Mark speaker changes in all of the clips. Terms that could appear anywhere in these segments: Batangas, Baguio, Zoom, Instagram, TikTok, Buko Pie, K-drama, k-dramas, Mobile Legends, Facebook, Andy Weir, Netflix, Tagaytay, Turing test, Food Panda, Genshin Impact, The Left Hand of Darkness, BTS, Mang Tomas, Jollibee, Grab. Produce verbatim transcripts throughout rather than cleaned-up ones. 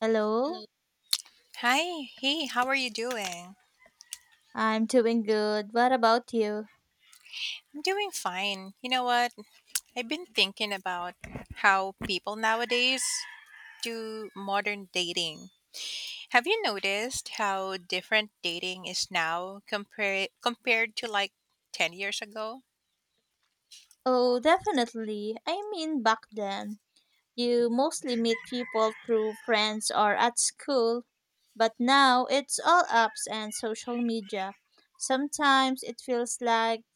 Speaker 1: Hello,
Speaker 2: Hi, hey, how are you doing?
Speaker 1: I'm doing good. What about you?
Speaker 2: I'm doing fine. You know what? I've been thinking about how people nowadays do modern dating. Have you noticed how different dating is now compare compared to like ten years ago?
Speaker 1: Oh, definitely. I mean, back then, you mostly meet people through friends or at school, but now it's all apps and social media. Sometimes it feels like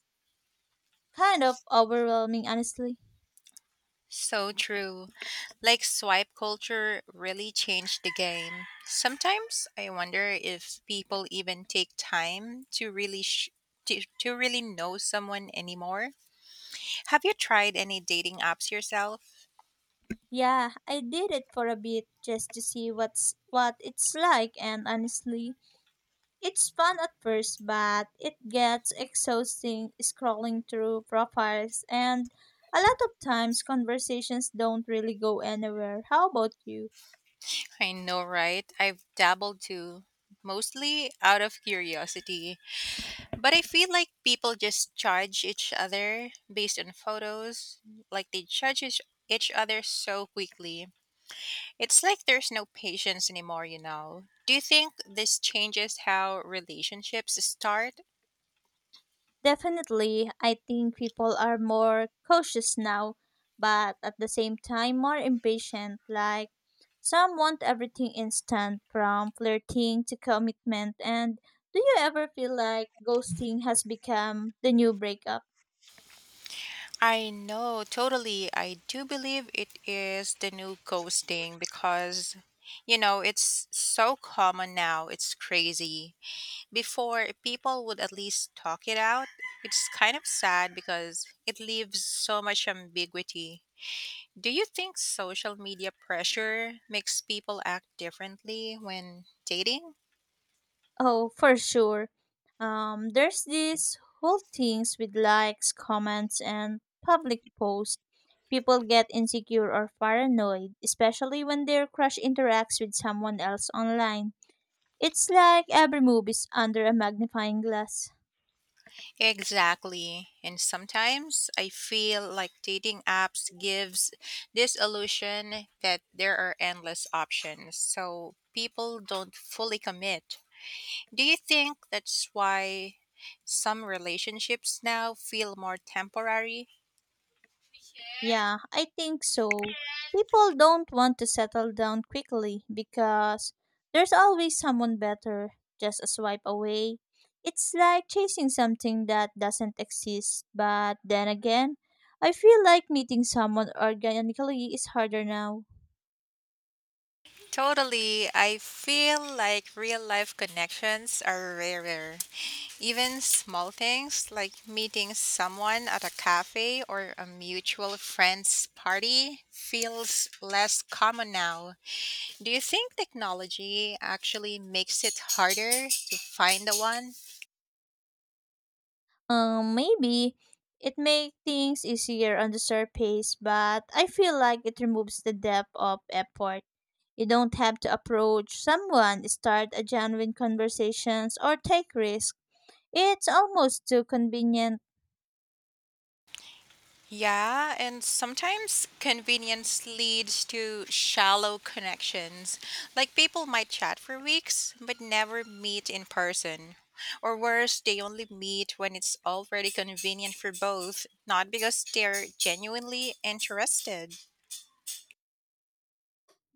Speaker 1: kind of overwhelming, honestly.
Speaker 2: So true. Like swipe culture really changed the game. Sometimes I wonder if people even take time to really sh- to, to really know someone anymore. Have you tried any dating apps yourself?
Speaker 1: Yeah, I did it for a bit just to see what's what it's like, and honestly, it's fun at first, but it gets exhausting scrolling through profiles, and a lot of times conversations don't really go anywhere. How about you?
Speaker 2: I know, right? I've dabbled too, mostly out of curiosity. But I feel like people just judge each other based on photos, like they judge each each other so quickly. It's like there's no patience anymore, you know. Do you think this changes how relationships start?
Speaker 1: Definitely, I think people are more cautious now, but at the same time, more impatient. Like, some want everything instant, from flirting to commitment. And do you ever feel like ghosting has become the new breakup?
Speaker 2: I know, totally. I do believe it is the new ghosting because, you know, it's so common now. It's crazy. Before, people would at least talk it out. It's kind of sad because it leaves so much ambiguity. Do you think social media pressure makes people act differently when dating?
Speaker 1: Oh, for sure. Um, there's these whole things with likes, comments, and public posts. People get insecure or paranoid, especially when their crush interacts with someone else online. It's like every move is under a magnifying glass.
Speaker 2: Exactly. And sometimes I feel like dating apps gives this illusion that there are endless options. So people don't fully commit. Do you think that's why some relationships now feel more temporary?
Speaker 1: Yeah, I think so. People don't want to settle down quickly because there's always someone better just a swipe away. It's like chasing something that doesn't exist, but then again, I feel like meeting someone organically is harder now.
Speaker 2: Totally. I feel like real life connections are rarer. Even small things like meeting someone at a cafe or a mutual friend's party feels less common now. Do you think technology actually makes it harder to find the one?
Speaker 1: Um, maybe it makes things easier on the surface, but I feel like it removes the depth of effort. You don't have to approach someone, start a genuine conversations, or take risks. It's almost too convenient.
Speaker 2: Yeah, and sometimes convenience leads to shallow connections. Like people might chat for weeks but never meet in person. Or worse, they only meet when it's already convenient for both, not because they're genuinely interested.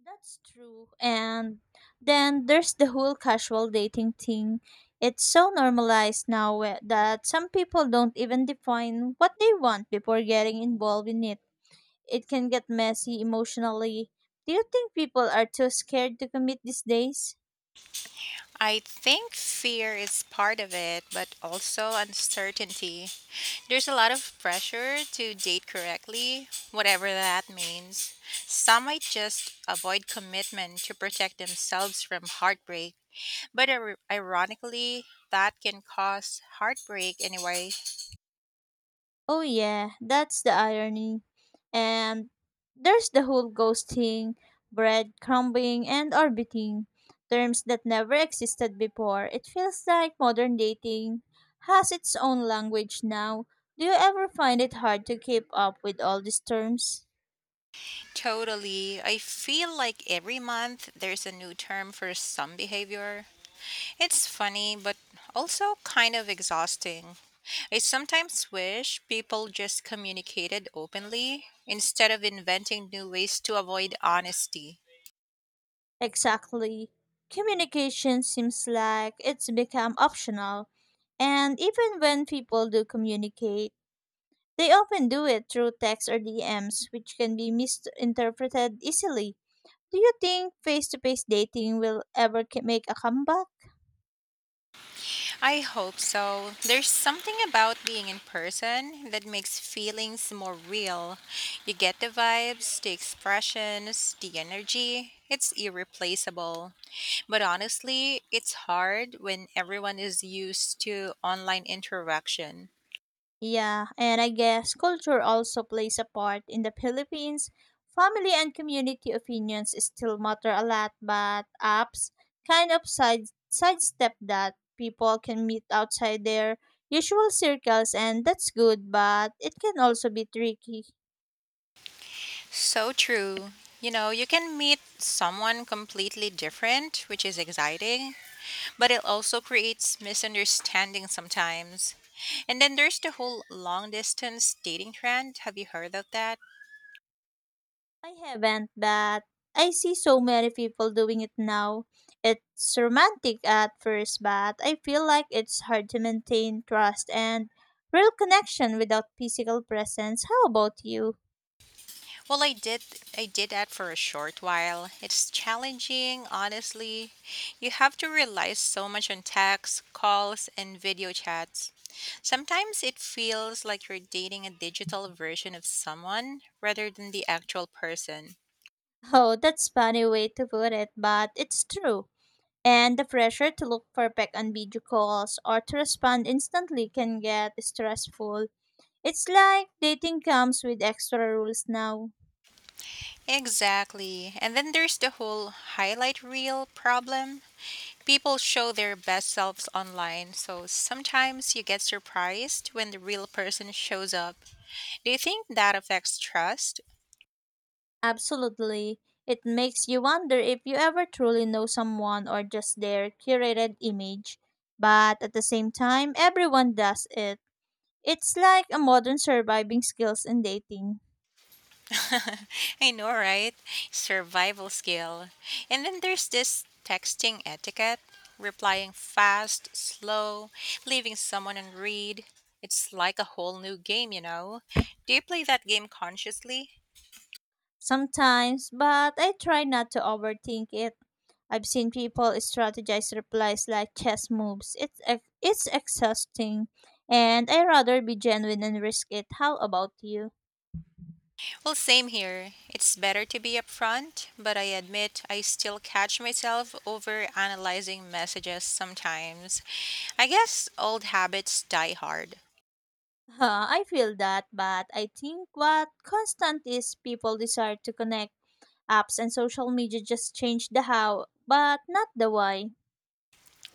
Speaker 1: That's true. And then there's the whole casual dating thing. It's so normalized now eh, that some people don't even define what they want before getting involved in it. It can get messy emotionally. Do you think people are too scared to commit these days?
Speaker 2: I think fear is part of it, but also uncertainty. There's a lot of pressure to date correctly, whatever that means. Some might just avoid commitment to protect themselves from heartbreak, but ir- ironically, that can cause heartbreak anyway.
Speaker 1: Oh yeah, that's the irony. And there's the whole ghosting, breadcrumbing, and orbiting, terms that never existed before. It feels like modern dating has its own language now. Do you ever find it hard to keep up with all these terms?
Speaker 2: Totally. I feel like every month there's a new term for some behavior. It's funny, but also kind of exhausting. I sometimes wish people just communicated openly instead of inventing new ways to avoid honesty.
Speaker 1: Exactly. Communication seems like it's become optional. And even when people do communicate, they often do it through text or D Ms, which can be misinterpreted easily. Do you think face to face dating will ever ca- make a comeback?
Speaker 2: I hope so. There's something about being in person that makes feelings more real. You get the vibes, the expressions, the energy. It's irreplaceable. But honestly, it's hard when everyone is used to online interaction.
Speaker 1: Yeah, and I guess culture also plays a part. In the Philippines, family and community opinions still matter a lot, but apps kind of side sidestep that. People can meet outside their usual circles, and that's good, but it can also be tricky.
Speaker 2: So true. You know, you can meet someone completely different, which is exciting, but it also creates misunderstanding sometimes. And then there's the whole long distance dating trend. Have you heard of that?
Speaker 1: I haven't, but I see so many people doing it now. It's romantic at first, but I feel like it's hard to maintain trust and real connection without physical presence. How about you?
Speaker 2: Well, I did I did that for a short while. It's challenging, honestly. You have to rely so much on texts, calls, and video chats. Sometimes it feels like you're dating a digital version of someone rather than the actual person.
Speaker 1: Oh, that's funny way to put it, but it's true. And the pressure to look perfect on video calls or to respond instantly can get stressful. It's like dating comes with extra rules now.
Speaker 2: Exactly. And then there's the whole highlight reel problem. People show their best selves online, so sometimes you get surprised when the real person shows up. Do you think that affects trust?
Speaker 1: Absolutely. It makes you wonder if you ever truly know someone or just their curated image. But at the same time, everyone does it. It's like a modern surviving skills in dating.
Speaker 2: I know, right? Survival skill. And then there's this texting etiquette, replying fast, slow, leaving someone on read. It's like a whole new game, you know? Do you play that game consciously?
Speaker 1: Sometimes, but I try not to overthink it. I've seen people strategize replies like chess moves. It's ex- it's exhausting, and I rather be genuine and risk it. How about you?
Speaker 2: Well, same here. It's better to be upfront, but I admit I still catch myself over analyzing messages sometimes. I guess old habits die hard.
Speaker 1: Huh, I feel that, but I think what constant is people desire to connect. Apps and social media just change the how, but not the why.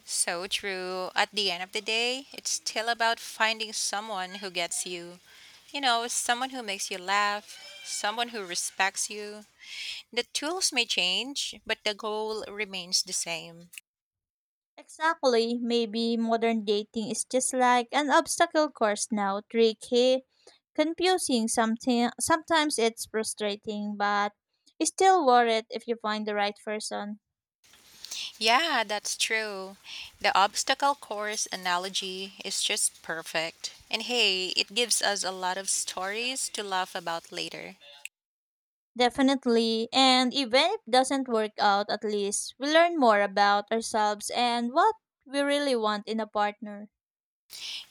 Speaker 2: So true. At the end of the day, it's still about finding someone who gets you. You know, someone who makes you laugh, someone who respects you. The tools may change, but the goal remains the same.
Speaker 1: Exactly, maybe modern dating is just like an obstacle course now, tricky, confusing, something sometimes it's frustrating, but it's still worth it if you find the right person.
Speaker 2: Yeah, that's true. The obstacle course analogy is just perfect. And hey, it gives us a lot of stories to laugh about later.
Speaker 1: Definitely. And even if it doesn't work out, at least we learn more about ourselves and what we really want in a partner.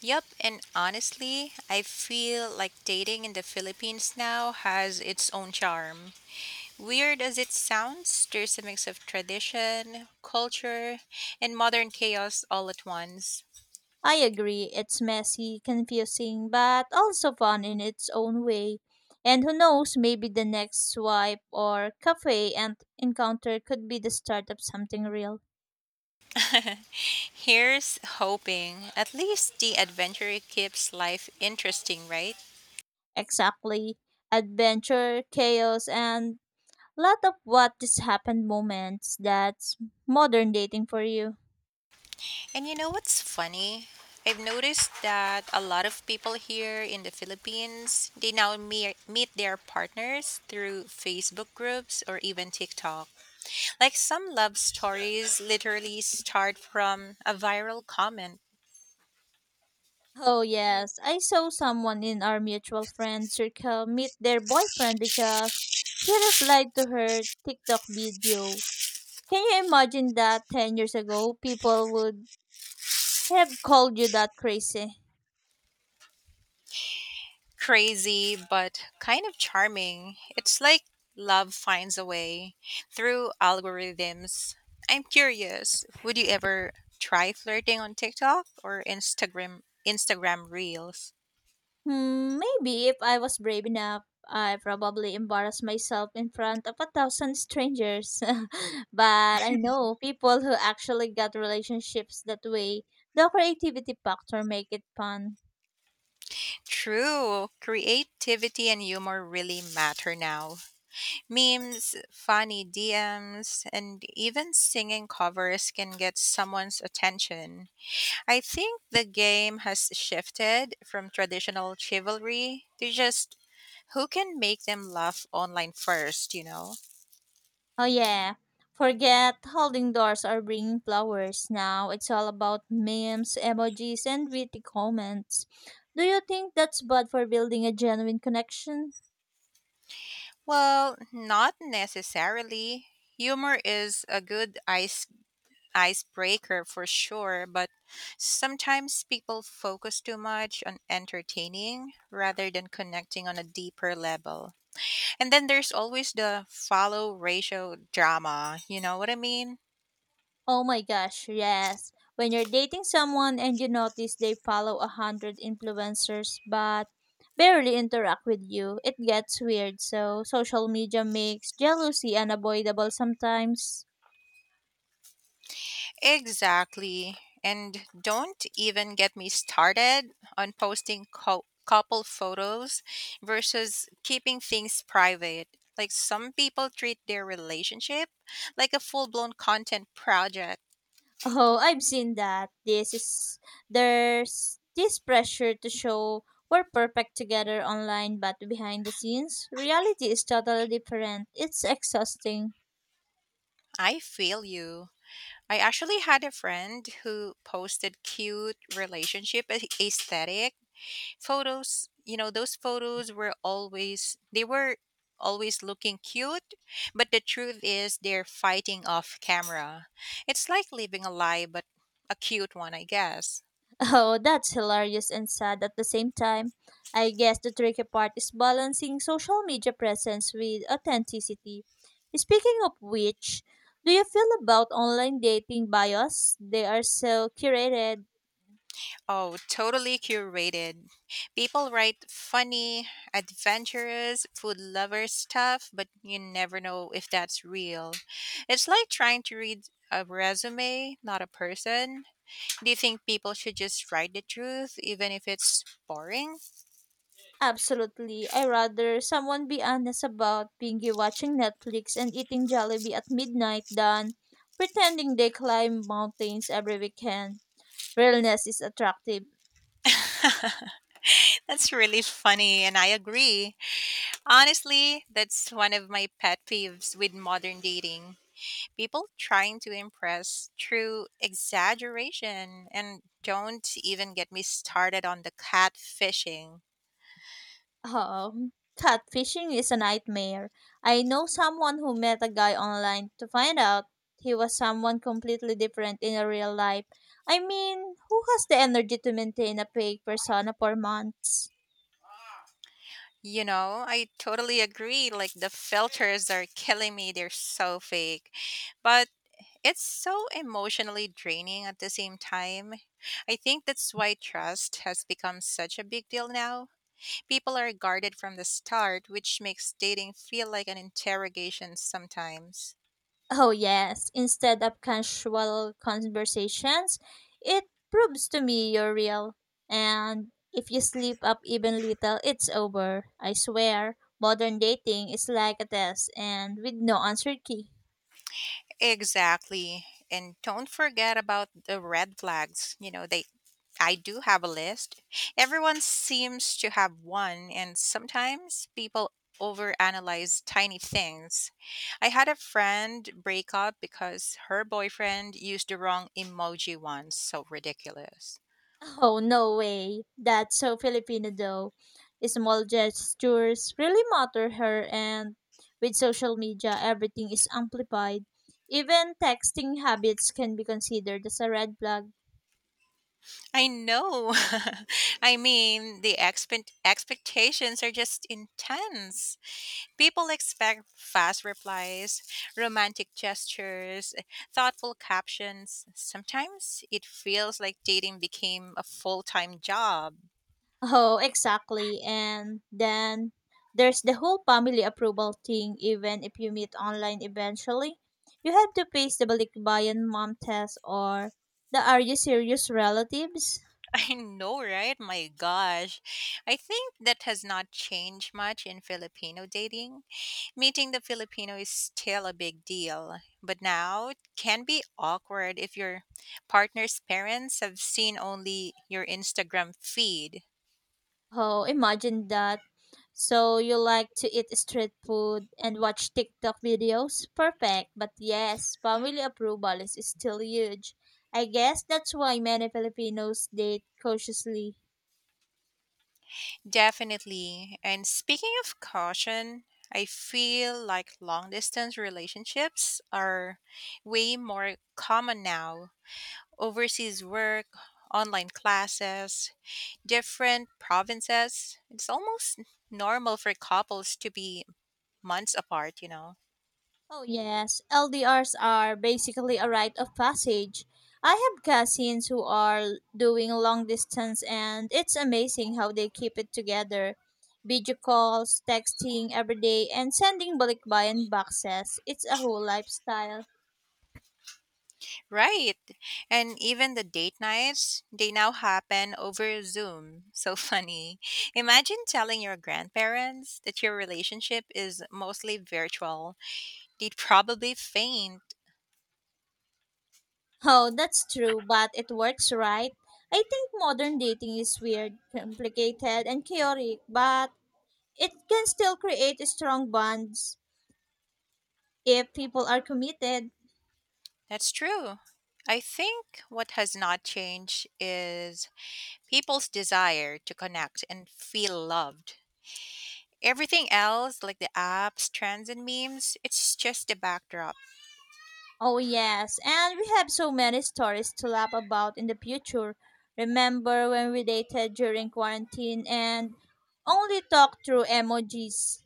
Speaker 2: Yep, and honestly, I feel like dating in the Philippines now has its own charm. Weird as it sounds, there's a mix of tradition, culture, and modern chaos all at once.
Speaker 1: I agree, it's messy, confusing, but also fun in its own way. And who knows, maybe the next swipe or cafe and encounter could be the start of something real.
Speaker 2: Here's hoping. At least the adventure keeps life interesting, right?
Speaker 1: Exactly. Adventure, chaos, and lot of what just happened moments. That's modern dating for you.
Speaker 2: And you know what's funny? I've noticed that a lot of people here in the Philippines, they now me- meet their partners through Facebook groups or even TikTok. Like some love stories literally start from a viral comment.
Speaker 1: Oh, yes. I saw someone in our mutual friend circle meet their boyfriend because he replied to her TikTok video. Can you imagine that ten years ago, people would have called you that crazy?
Speaker 2: Crazy, but kind of charming. It's like love finds a way through algorithms. I'm curious, would you ever try flirting on TikTok or Instagram Instagram Reels?
Speaker 1: Hmm, maybe if I was brave enough, I probably embarrassed myself in front of a thousand strangers. But I know people who actually got relationships that way. The creativity factor make it fun.
Speaker 2: True. Creativity and humor really matter now. Memes, funny D Ms, and even singing covers can get someone's attention. I think the game has shifted from traditional chivalry to just who can make them laugh online first, you know?
Speaker 1: Oh yeah. Forget holding doors or bringing flowers now. It's all about memes, emojis, and witty comments. Do you think that's bad for building a genuine connection?
Speaker 2: Well, not necessarily. Humor is a good ice icebreaker for sure, but sometimes people focus too much on entertaining rather than connecting on a deeper level. And then there's always the follow ratio drama, you know what I mean?
Speaker 1: Oh my gosh, yes. When you're dating someone and you notice they follow a hundred influencers but barely interact with you, it gets weird. So social media makes jealousy unavoidable sometimes.
Speaker 2: Exactly. And don't even get me started on posting co- couple photos versus keeping things private. Like some people treat their relationship like a full blown content project.
Speaker 1: Oh, I've seen that. This is There's this pressure to show we're perfect together online, but behind the scenes, reality is totally different. It's exhausting.
Speaker 2: I feel you. I actually had a friend who posted cute relationship a- aesthetic photos. You know, those photos were always, they were always looking cute, but the truth is they're fighting off camera. It's like living a lie, but a cute one, I guess.
Speaker 1: Oh, that's hilarious and sad at the same time. I guess the tricky part is balancing social media presence with authenticity. Speaking of which, do you feel about online dating bios? They are so curated.
Speaker 2: Oh, totally curated. People write funny, adventurous, food lover stuff, but you never know if that's real. It's like trying to read a resume, not a person. Do you think people should just write the truth, even if it's boring?
Speaker 1: Absolutely. I rather someone be honest about binge watching Netflix and eating Jollibee at midnight than pretending they climb mountains every weekend. Realness is attractive.
Speaker 2: That's really funny, and I agree. Honestly, that's one of my pet peeves with modern dating. People trying to impress through exaggeration and don't even get me started on the catfishing.
Speaker 1: Um, Catfishing is a nightmare. I know someone who met a guy online to find out he was someone completely different in a real life. I mean, who has the energy to maintain a fake persona for months?
Speaker 2: You know, I totally agree. Like the filters are killing me. They're so fake. But it's so emotionally draining at the same time. I think that's why trust has become such a big deal now. People are guarded from the start, which makes dating feel like an interrogation sometimes.
Speaker 1: Oh, yes. Instead of casual conversations, it proves to me you're real. And if you slip up even little, it's over. I swear, modern dating is like a test and with no answer key.
Speaker 2: Exactly. And don't forget about the red flags. You know, they I do have a list. Everyone seems to have one, and sometimes people overanalyze tiny things. I had a friend break up because her boyfriend used the wrong emoji once. So ridiculous.
Speaker 1: Oh, no way. That's so Filipino though. Small gestures really matter here and with social media everything is amplified. Even texting habits can be considered as a red flag.
Speaker 2: I know. I mean, the expect- expectations are just intense. People expect fast replies, romantic gestures, thoughtful captions. Sometimes it feels like dating became a full time job.
Speaker 1: Oh, exactly. And then there's the whole family approval thing even if you meet online eventually. You have to face the balikbayan mom test or the are you serious relatives?
Speaker 2: I know, right? My gosh. I think that has not changed much in Filipino dating. Meeting the Filipino is still a big deal, but now it can be awkward if your partner's parents have seen only your Instagram feed.
Speaker 1: Oh, imagine that. So you like to eat street food and watch TikTok videos? Perfect. But yes, family approval is still huge. I guess that's why many Filipinos date cautiously.
Speaker 2: Definitely. And speaking of caution, I feel like long distance relationships are way more common now. Overseas work, online classes, different provinces. It's almost normal for couples to be months apart, you know.
Speaker 1: Oh, yes. L D Rs are basically a rite of passage. I have cousins who are doing long distance, and it's amazing how they keep it together. Video calls, texting every day, and sending balikbayan boxes. It's a whole lifestyle.
Speaker 2: Right. And even the date nights, they now happen over Zoom. So funny. Imagine telling your grandparents that your relationship is mostly virtual. They'd probably faint.
Speaker 1: Oh, that's true, but it works right. I think modern dating is weird, complicated, and chaotic, but it can still create strong bonds if people are committed.
Speaker 2: That's true. I think what has not changed is people's desire to connect and feel loved. Everything else, like the apps, trends, and memes, it's just a backdrop.
Speaker 1: Oh, yes, and we have so many stories to laugh about in the future. Remember when we dated during quarantine and only talked through emojis?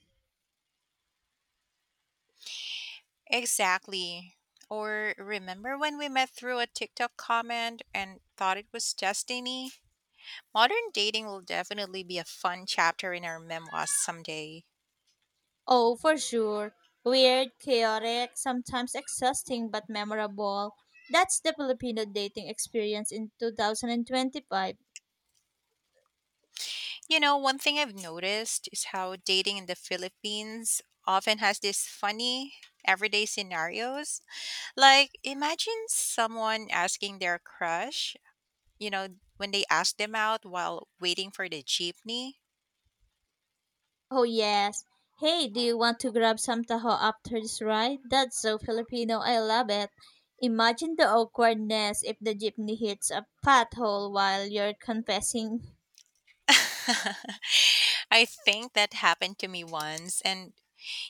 Speaker 2: Exactly. Or remember when we met through a TikTok comment and thought it was destiny? Modern dating will definitely be a fun chapter in our memoirs someday.
Speaker 1: Oh, for sure. Weird, chaotic, sometimes exhausting, but memorable. That's the Filipino dating experience in two thousand twenty-five.
Speaker 2: You know, one thing I've noticed is how dating in the Philippines often has these funny everyday scenarios. Like, imagine someone asking their crush, you know, when they ask them out while waiting for the jeepney.
Speaker 1: Oh yes. Hey, do you want to grab some taho after this ride? That's so Filipino. I love it. Imagine the awkwardness if the jeepney hits a pothole while you're confessing.
Speaker 2: I think that happened to me once, and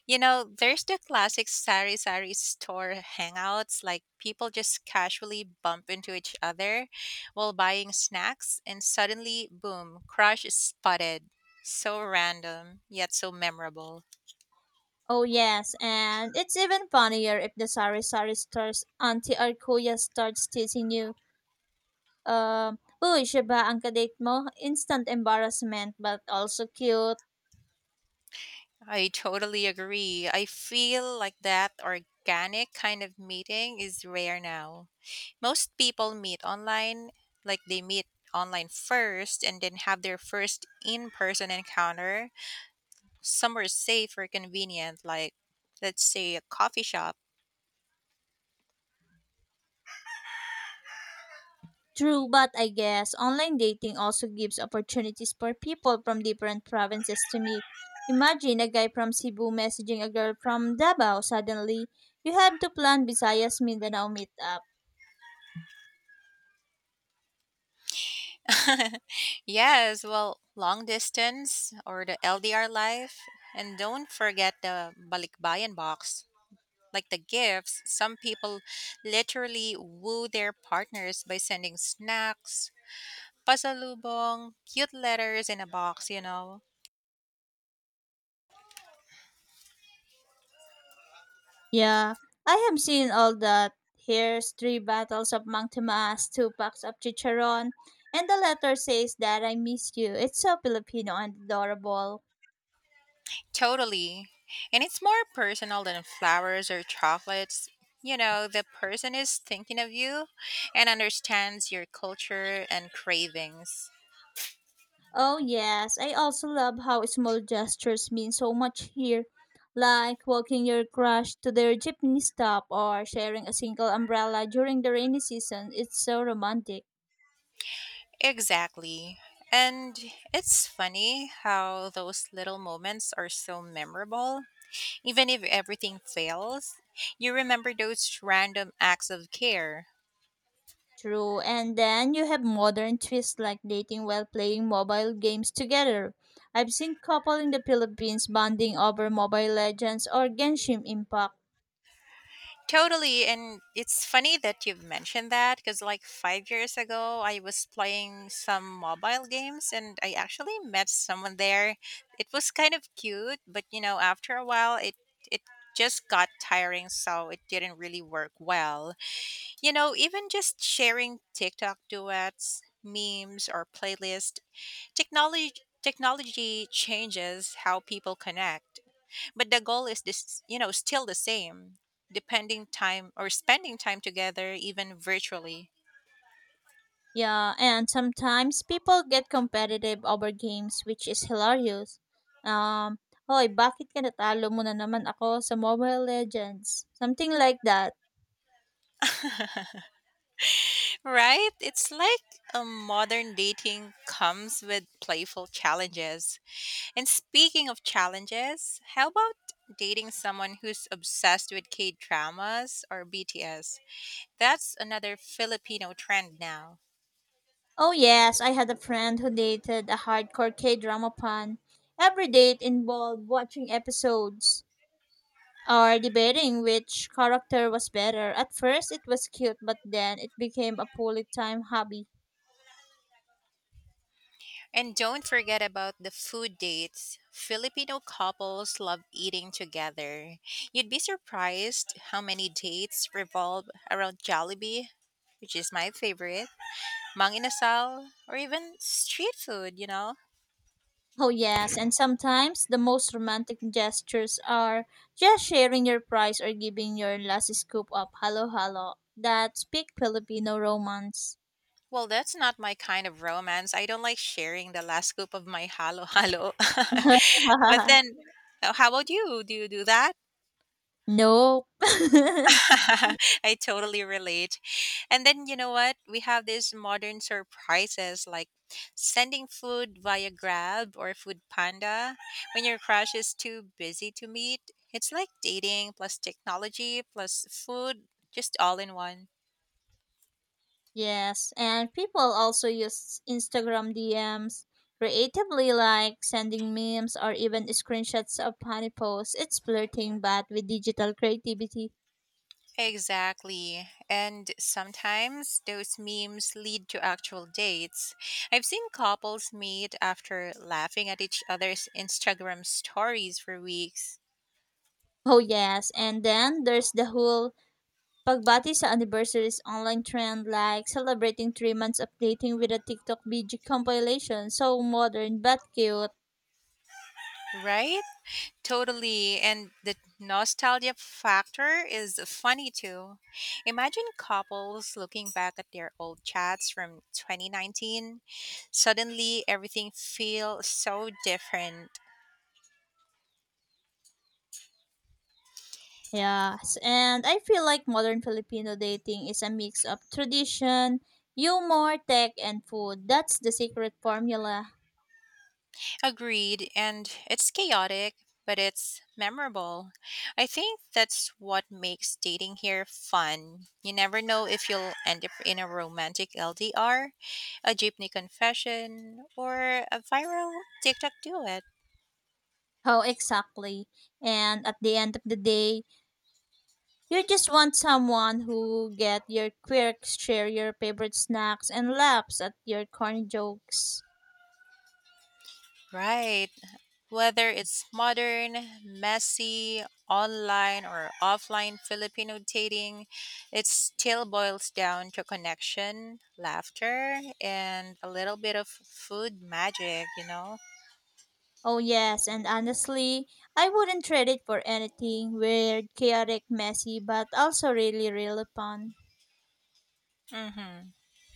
Speaker 2: You know, there's the classic sari sari store hangouts, like people just casually bump into each other while buying snacks, and suddenly, boom, crush is spotted. So random, yet so memorable.
Speaker 1: Oh yes, and it's even funnier if the sari sari stars auntie or kuya starts teasing you. Um, uy, siya ba ang kadate mo? Instant embarrassment but also cute.
Speaker 2: I totally agree. I feel like that organic kind of meeting is rare now. Most people meet online, like they meet online first and then have their first in person encounter somewhere safe or convenient, like let's say a coffee shop.
Speaker 1: True, but I guess online dating also gives opportunities for people from different provinces to meet. Imagine a guy from Cebu messaging a girl from Davao. Suddenly, you have to plan Visayas Mindanao meetup.
Speaker 2: Yes, well, long distance or the L D R life. And don't forget the balikbayan box. Like the gifts, some people literally woo their partners by sending snacks, pasalubong, cute letters in a box, you know.
Speaker 1: Yeah, I have seen all that. Here's three bottles of Mang Tomas, two packs of chicharon, and the letter says that I miss you. It's so Filipino and adorable.
Speaker 2: Totally. And it's more personal than flowers or chocolates. You know, the person is thinking of you and understands your culture and cravings.
Speaker 1: Oh yes, I also love how small gestures mean so much here, like walking your crush to their jeepney stop or sharing a single umbrella during the rainy season. It's so romantic.
Speaker 2: Exactly. And it's funny how those little moments are so memorable. Even if everything fails, you remember those random acts of care.
Speaker 1: True. And then you have modern twists like dating while playing mobile games together. I've seen couple in the Philippines bonding over Mobile Legends or Genshin Impact.
Speaker 2: Totally. And it's funny that you've mentioned that because, like, five years ago, I was playing some mobile games and I actually met someone there. It was kind of cute, but you know, after a while, it, it just got tiring, so it didn't really work well. You know, even just sharing TikTok duets, memes, or playlist, technology technology changes how people connect but the goal is this you know still the same depending time or spending time together even virtually.
Speaker 1: Yeah, and sometimes people get competitive over games which is hilarious. Um, hoy, bakit ka natalo mo na naman ako sa Mobile Legends? Something like that.
Speaker 2: Right, it's like a modern dating comes with playful challenges and speaking of challenges how about dating someone who's obsessed with k-dramas or bts, that's another filipino trend now.
Speaker 1: Oh yes, I had a friend who dated a hardcore K-drama fan. Every date involved watching episodes or debating which character was better. At first it was cute, but then it became a fully time hobby.
Speaker 2: And don't forget about the food dates. Filipino couples love eating together. You'd be surprised how many dates revolve around Jollibee, which is my favorite, mang or even street food, you know?
Speaker 1: Oh, yes, and sometimes the most romantic gestures are just sharing your prize or giving your last scoop of halo halo. That's big Filipino romance.
Speaker 2: Well, that's not my kind of romance. I don't like sharing the last scoop of my halo halo. But then, uh, how about you? Do you do that?
Speaker 1: Nope.
Speaker 2: I totally relate. And then you know what? We have these modern surprises like sending food via Grab or Food Panda when your crush is too busy to meet. It's like dating plus technology plus food, just all in one.
Speaker 1: Yes, and people also use Instagram D Ms creatively, like sending memes or even screenshots of funny posts. It's flirting, but with digital creativity.
Speaker 2: Exactly. And sometimes those memes lead to actual dates. I've seen couples meet after laughing at each other's Instagram stories for weeks.
Speaker 1: Oh, yes, and then there's the whole Pagbati sa anniversaries online trend like celebrating three months of dating with a TikTok B G compilation. So modern but cute.
Speaker 2: Right? Totally. And the nostalgia factor is funny too. Imagine couples looking back at their old chats from twenty nineteen. Suddenly, everything feels so different.
Speaker 1: Yes. And I feel like modern Filipino dating is a mix of tradition, humor, tech, and food. That's the secret formula.
Speaker 2: Agreed. And it's chaotic, but it's memorable. I think that's what makes dating here fun. You never know if you'll end up in a romantic L D R, a jeepney confession, or a viral TikTok duet.
Speaker 1: How exactly? And at the end of the day, you just want someone who get your quirks, share your favorite snacks, and laughs at your corny jokes.
Speaker 2: Right. Whether it's modern, messy, online, or offline Filipino dating, it still boils down to connection, laughter, and a little bit of food magic, you know?
Speaker 1: Oh, yes, and honestly, I wouldn't trade it for anything weird, chaotic, messy, but also really, really fun.
Speaker 2: Mm-hmm.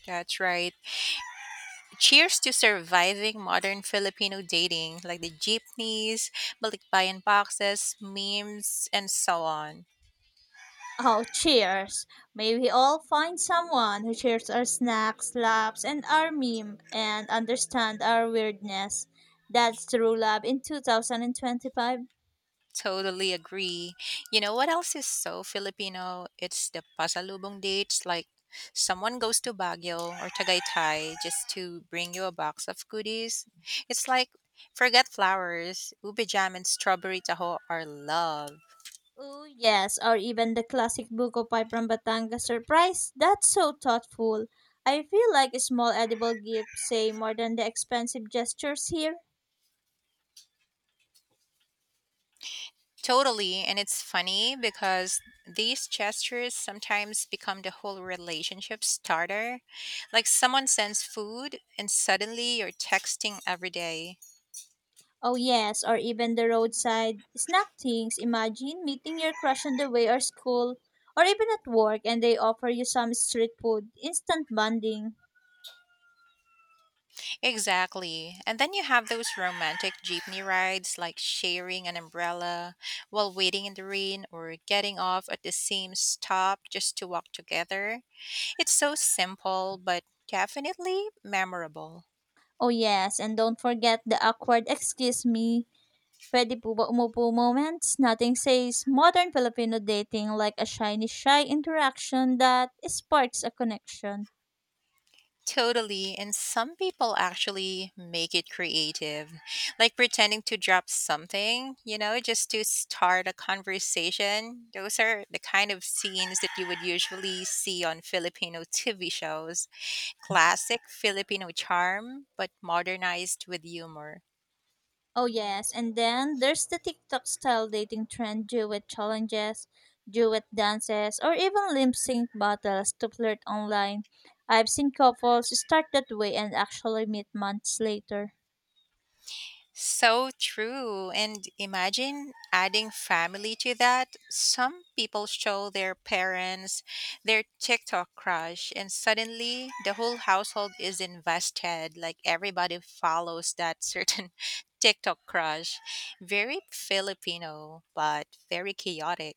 Speaker 2: That's right. Cheers to surviving modern Filipino dating, like the jeepneys, balikbayan boxes, memes, and so on.
Speaker 1: Oh, cheers! May we all find someone who shares our snacks, laughs, and our meme and understand our weirdness. That's true love in two thousand twenty-five.
Speaker 2: Totally agree. You know what else is so Filipino? It's the pasalubong dates. Like someone goes to Baguio or Tagaytay just to bring you a box of goodies. It's like forget flowers, ube jam and strawberry taho are love.
Speaker 1: Oh, yes, or even the classic Buko Pie from Batangas surprise. That's so thoughtful. I feel like small edible gifts say more than the expensive gestures here.
Speaker 2: Totally, and it's funny because these gestures sometimes become the whole relationship starter. Like someone sends food and suddenly you're texting every day.
Speaker 1: Oh, yes, or even the roadside snack things. Imagine meeting your crush on the way or school, or even at work, and they offer you some street food. Instant bonding.
Speaker 2: Exactly. And then you have those romantic jeepney rides like sharing an umbrella while waiting in the rain or getting off at the same stop just to walk together. It's so simple, but definitely memorable.
Speaker 1: Oh, yes, and don't forget the awkward excuse me. Pwede po ba umupo moments? Nothing says modern Filipino dating like a shiny shy interaction that sparks a connection.
Speaker 2: Totally. And some people actually make it creative, like pretending to drop something, you know, just to start a conversation. Those are the kind of scenes that you would usually see on Filipino T V shows. Classic Filipino charm, but modernized with humor.
Speaker 1: Oh yes, and then there's the TikTok style dating trend, duet challenges, duet dances, or even lip sync battles to flirt online. I've seen couples start that way and actually meet months later.
Speaker 2: So true. And imagine adding family to that. Some people show their parents their TikTok crush, and suddenly the whole household is invested. Like everybody follows that certain TikTok crush. Very Filipino, but very chaotic.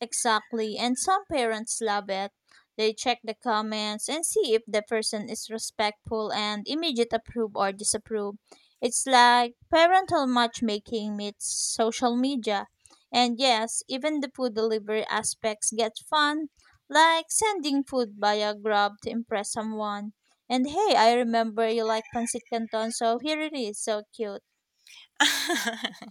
Speaker 1: Exactly. And some parents love it. They check the comments and see if the person is respectful and immediate approve or disapprove. It's like parental matchmaking meets social media. And yes, even the food delivery aspects get fun, like sending food via Grab to impress someone. And hey, I remember you like pancit canton, so here it is, so cute.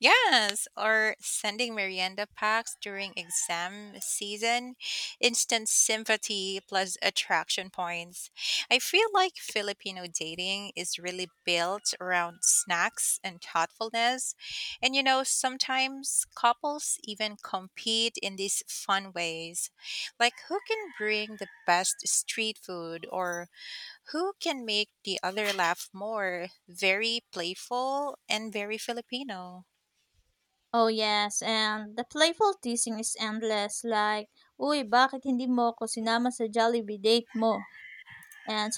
Speaker 2: Yes, or sending merienda packs during exam season, instant sympathy plus attraction points. I feel like Filipino dating is really built around snacks and thoughtfulness. And you know, sometimes couples even compete in these fun ways, like who can bring the best street food or who can make the other laugh more. Very playful and very Filipino.
Speaker 1: Oh yes, and the playful teasing is endless like, "Uy, bakit hindi mo ako sinama sa Jollibee date mo?" And